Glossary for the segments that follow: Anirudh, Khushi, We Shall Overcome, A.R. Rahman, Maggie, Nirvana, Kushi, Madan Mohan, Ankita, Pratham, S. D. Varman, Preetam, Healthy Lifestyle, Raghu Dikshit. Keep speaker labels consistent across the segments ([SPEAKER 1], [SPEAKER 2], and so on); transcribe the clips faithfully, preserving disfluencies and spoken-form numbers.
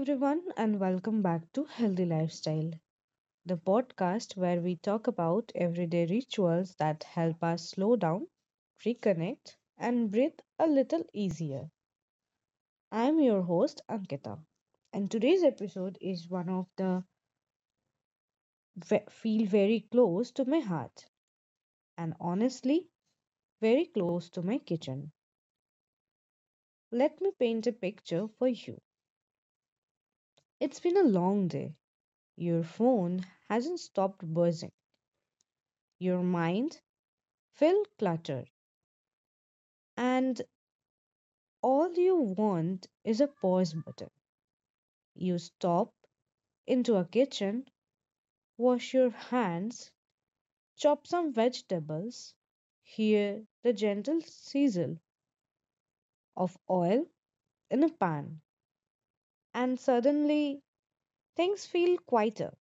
[SPEAKER 1] everyone, and welcome back to Healthy Lifestyle, the podcast where we talk about everyday rituals that help us slow down, reconnect, and breathe a little easier. I'm your host, Ankita, and today's episode is one of the ve- feel very close to my heart and honestly very close to my kitchen. Let me paint a picture for you. It's been a long day. Your phone hasn't stopped buzzing. Your mind Fill clutter, and all you want is a pause button. You stop into a kitchen, wash your hands, chop some vegetables, hear the gentle sizzle of oil in a pan, and suddenly things feel quieter.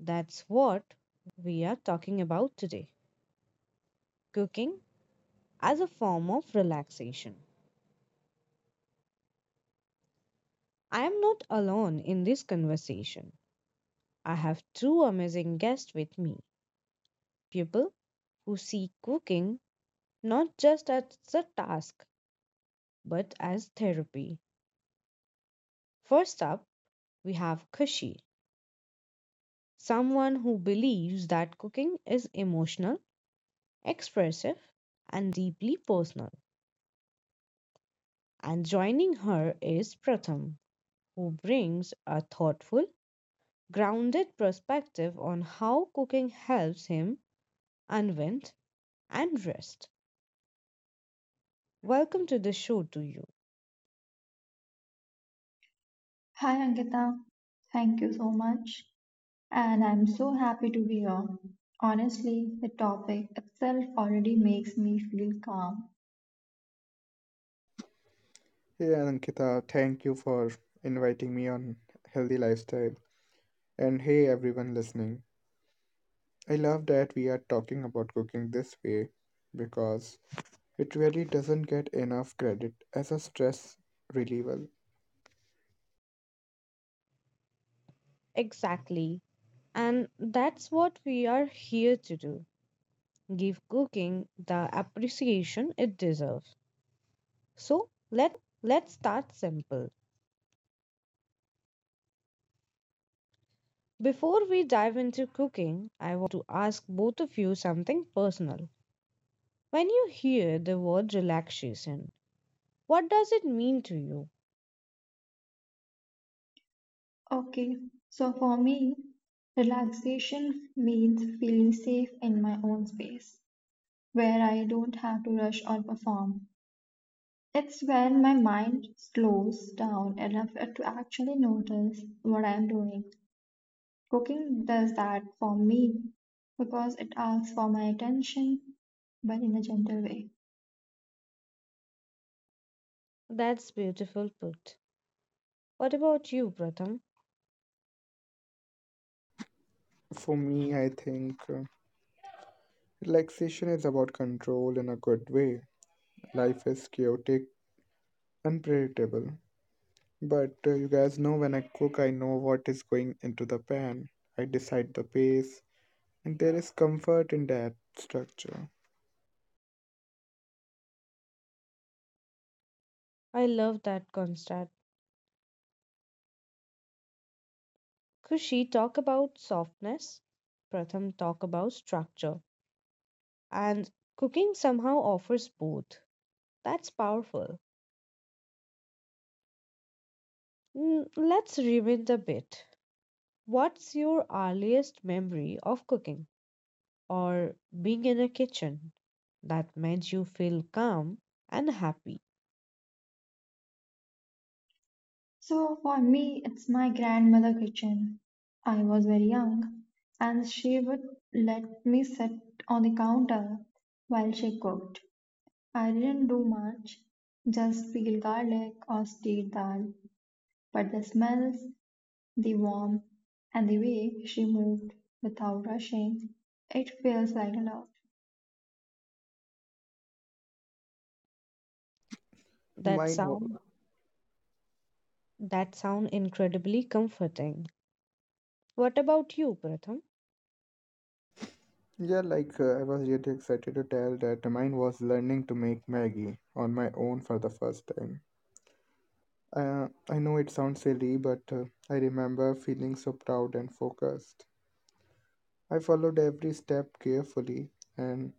[SPEAKER 1] That's what we are talking about today, cooking as a form of relaxation. I am not alone in this conversation. I have two amazing guests with me, people who see cooking not just as a task but as therapy. First up, we have Kushi, someone who believes that cooking is emotional, expressive, and deeply personal. And joining her is Pratham, who brings a thoughtful, grounded perspective on how cooking helps him unwind and rest. Welcome to the show to you.
[SPEAKER 2] Hi Ankita, thank you so much. And I'm so happy to be here. Honestly, the topic itself already makes me feel calm.
[SPEAKER 3] Hey Ankita, thank you for inviting me on Healthy Lifestyle. And hey everyone listening. I love that we are talking about cooking this way because it really doesn't get enough credit as a stress reliever.
[SPEAKER 1] Exactly. And that's what we are here to do, give cooking the appreciation it deserves. So let's start simple. Before we dive into cooking, I want to ask both of you something personal. When you hear the word relaxation, what does it mean to you?
[SPEAKER 2] Okay, so for me, relaxation means feeling safe in my own space, where I don't have to rush or perform. It's when my mind slows down enough to actually notice what I'm doing. Cooking does that for me because it asks for my attention, but in a gentle way.
[SPEAKER 1] That's beautiful put. What about you, Pratham?
[SPEAKER 3] For me, I think uh, relaxation is about control in a good way. Life is chaotic, unpredictable. But uh, you guys know when I cook, I know what is going into the pan. I decide the pace. There is comfort in that structure.
[SPEAKER 1] I love that concept. Kushi talk about softness, Pratham talk about structure, and cooking somehow offers both. That's powerful. Mm, Let's rewind a bit. What's your earliest memory of cooking or being in a kitchen that made you feel calm and happy?
[SPEAKER 2] So for me, it's my grandmother kitchen. I was very young, and she would let me sit on the counter while she cooked. I didn't do much, just peel garlic or stir dal, but the smells, the warmth, and the way she moved without rushing, it feels like a love.
[SPEAKER 1] That
[SPEAKER 3] Mine, wa-
[SPEAKER 1] sound that sound incredibly comforting. What about you, Pratham?
[SPEAKER 3] yeah, like uh, I was really excited to tell that mine was learning to make Maggie on my own for the first time. Uh, I know it sounds silly, but uh, I remember feeling so proud and focused. I followed every step carefully, and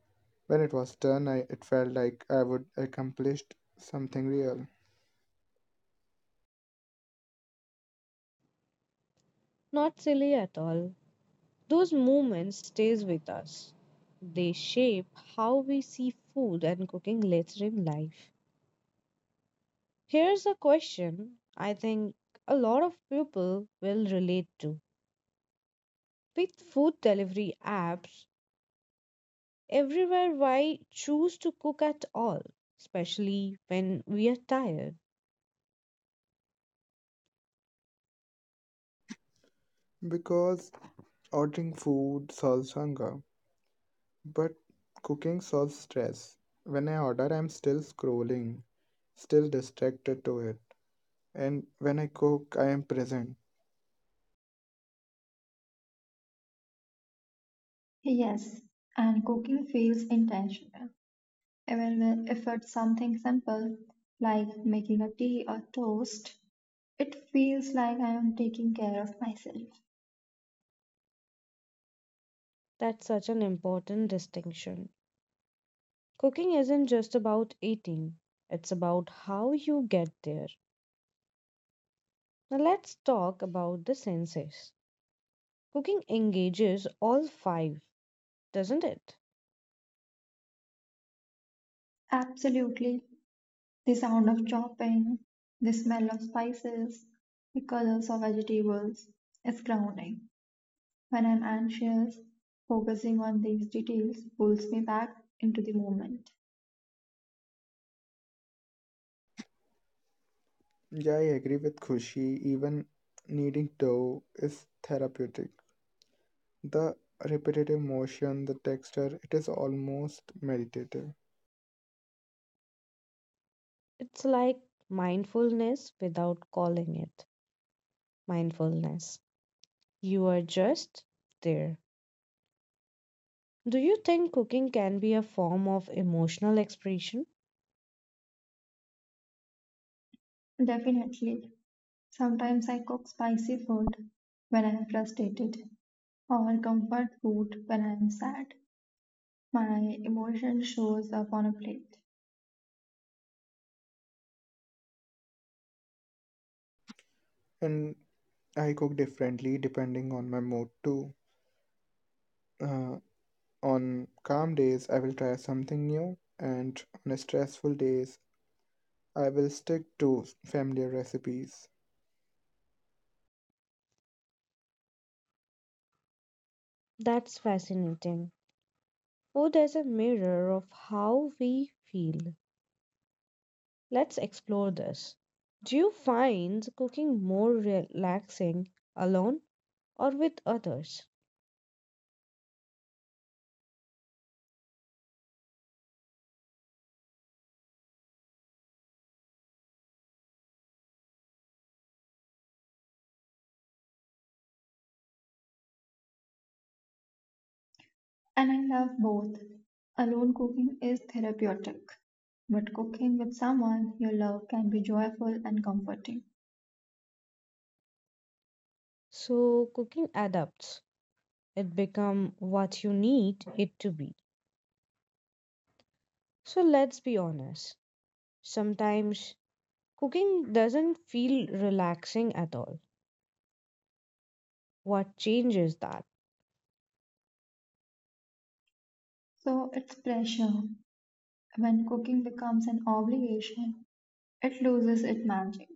[SPEAKER 3] when it was done, I, it felt like I would accomplished something real.
[SPEAKER 1] Not silly at all. Those moments stays with us. They shape how we see food and cooking later in life. Here's a question I think a lot of people will relate to. With food delivery apps everywhere, why choose to cook at all, especially when we are tired?
[SPEAKER 3] Because ordering food solves hunger, but cooking solves stress. When I order, I'm still scrolling, still distracted to it. And when I cook, I am present.
[SPEAKER 2] Yes, and cooking feels intentional. Even when- if it's something simple, like making a tea or toast, it feels like I am taking care of myself.
[SPEAKER 1] That's such an important distinction. Cooking isn't just about eating, it's about how you get there. Now, let's talk about the senses. Cooking engages all five, doesn't it?
[SPEAKER 2] Absolutely. The sound of chopping, the smell of spices, the colors of vegetables is grounding. When I'm anxious, focusing on these details pulls me back into the moment.
[SPEAKER 3] Yeah, I agree with Khushi. Even kneading dough is therapeutic. The repetitive motion, the texture, it is almost meditative.
[SPEAKER 1] It's like mindfulness without calling it mindfulness. You are just there. Do you think cooking can be a form of emotional expression?
[SPEAKER 2] Definitely. Sometimes I cook spicy food when I am frustrated, or comfort food when I'm sad. My emotion shows up on a plate.
[SPEAKER 3] And I cook differently depending on my mood too. Uh, on calm days, I will try something new, and on stressful days, I will stick to familiar recipes.
[SPEAKER 1] That's fascinating. Food as a mirror of how we feel. Let's explore this. Do you find cooking more relaxing alone or with others?
[SPEAKER 2] And I love both. Alone cooking is therapeutic, but cooking with someone you love can be joyful and comforting.
[SPEAKER 1] So cooking adapts. It becomes what you need it to be. So let's be honest. Sometimes cooking doesn't feel relaxing at all. What changes that?
[SPEAKER 2] So it's pressure. When cooking becomes an obligation, it loses its magic.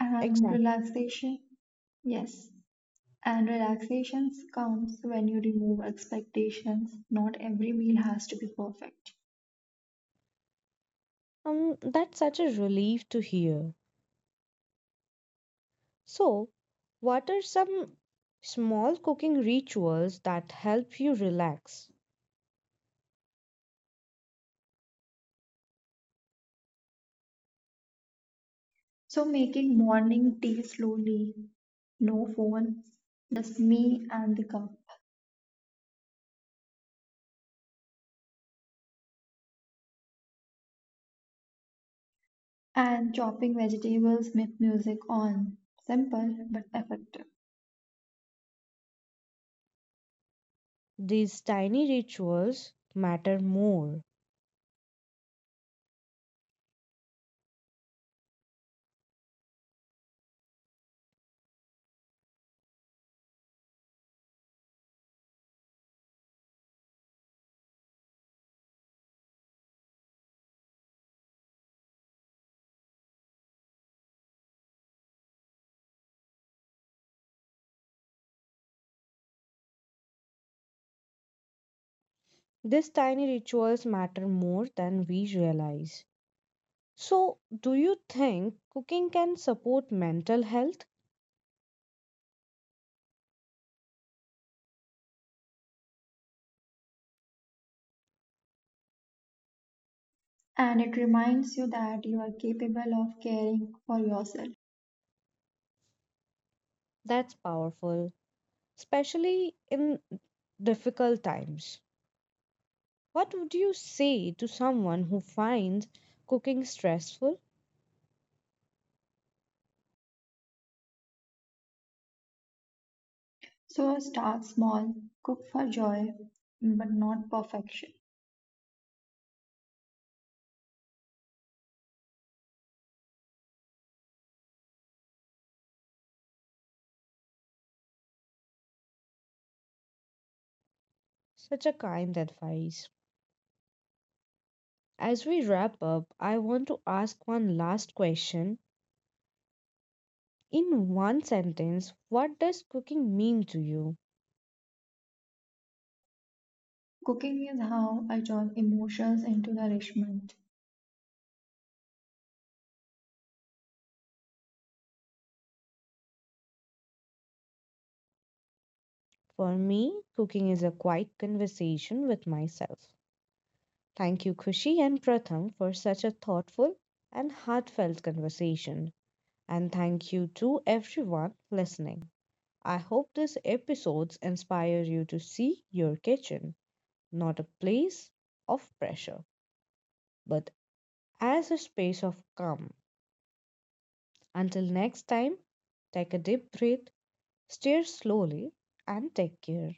[SPEAKER 2] And
[SPEAKER 1] Exactly.
[SPEAKER 2] relaxation, yes. And relaxation comes when you remove expectations. Not every meal has to be perfect.
[SPEAKER 1] Um, that's such a relief to hear. So, what are some small cooking rituals that help you relax?
[SPEAKER 2] So making morning tea slowly, no phone, just me and the cup. And chopping vegetables with music on. Simple but effective.
[SPEAKER 1] These tiny rituals matter more. These tiny rituals matter more than we realize. So, do you think cooking can support mental health?
[SPEAKER 2] And it reminds you that you are capable of caring for yourself.
[SPEAKER 1] That's powerful, especially in difficult times. What would you say to someone who finds cooking stressful?
[SPEAKER 2] So start small, cook for joy, but not perfection.
[SPEAKER 1] Such a kind advice. As we wrap up, I want to ask one last question. In one sentence, what does cooking mean to you?
[SPEAKER 2] Cooking is how I turn emotions into nourishment.
[SPEAKER 1] For me, cooking is a quiet conversation with myself. Thank you, Kushi and Pratham, for such a thoughtful and heartfelt conversation. And thank you to everyone listening. I hope this episodes inspire you to see your kitchen not a place of pressure, but as a space of calm. Until next time, take a deep breath, steer slowly, and take care.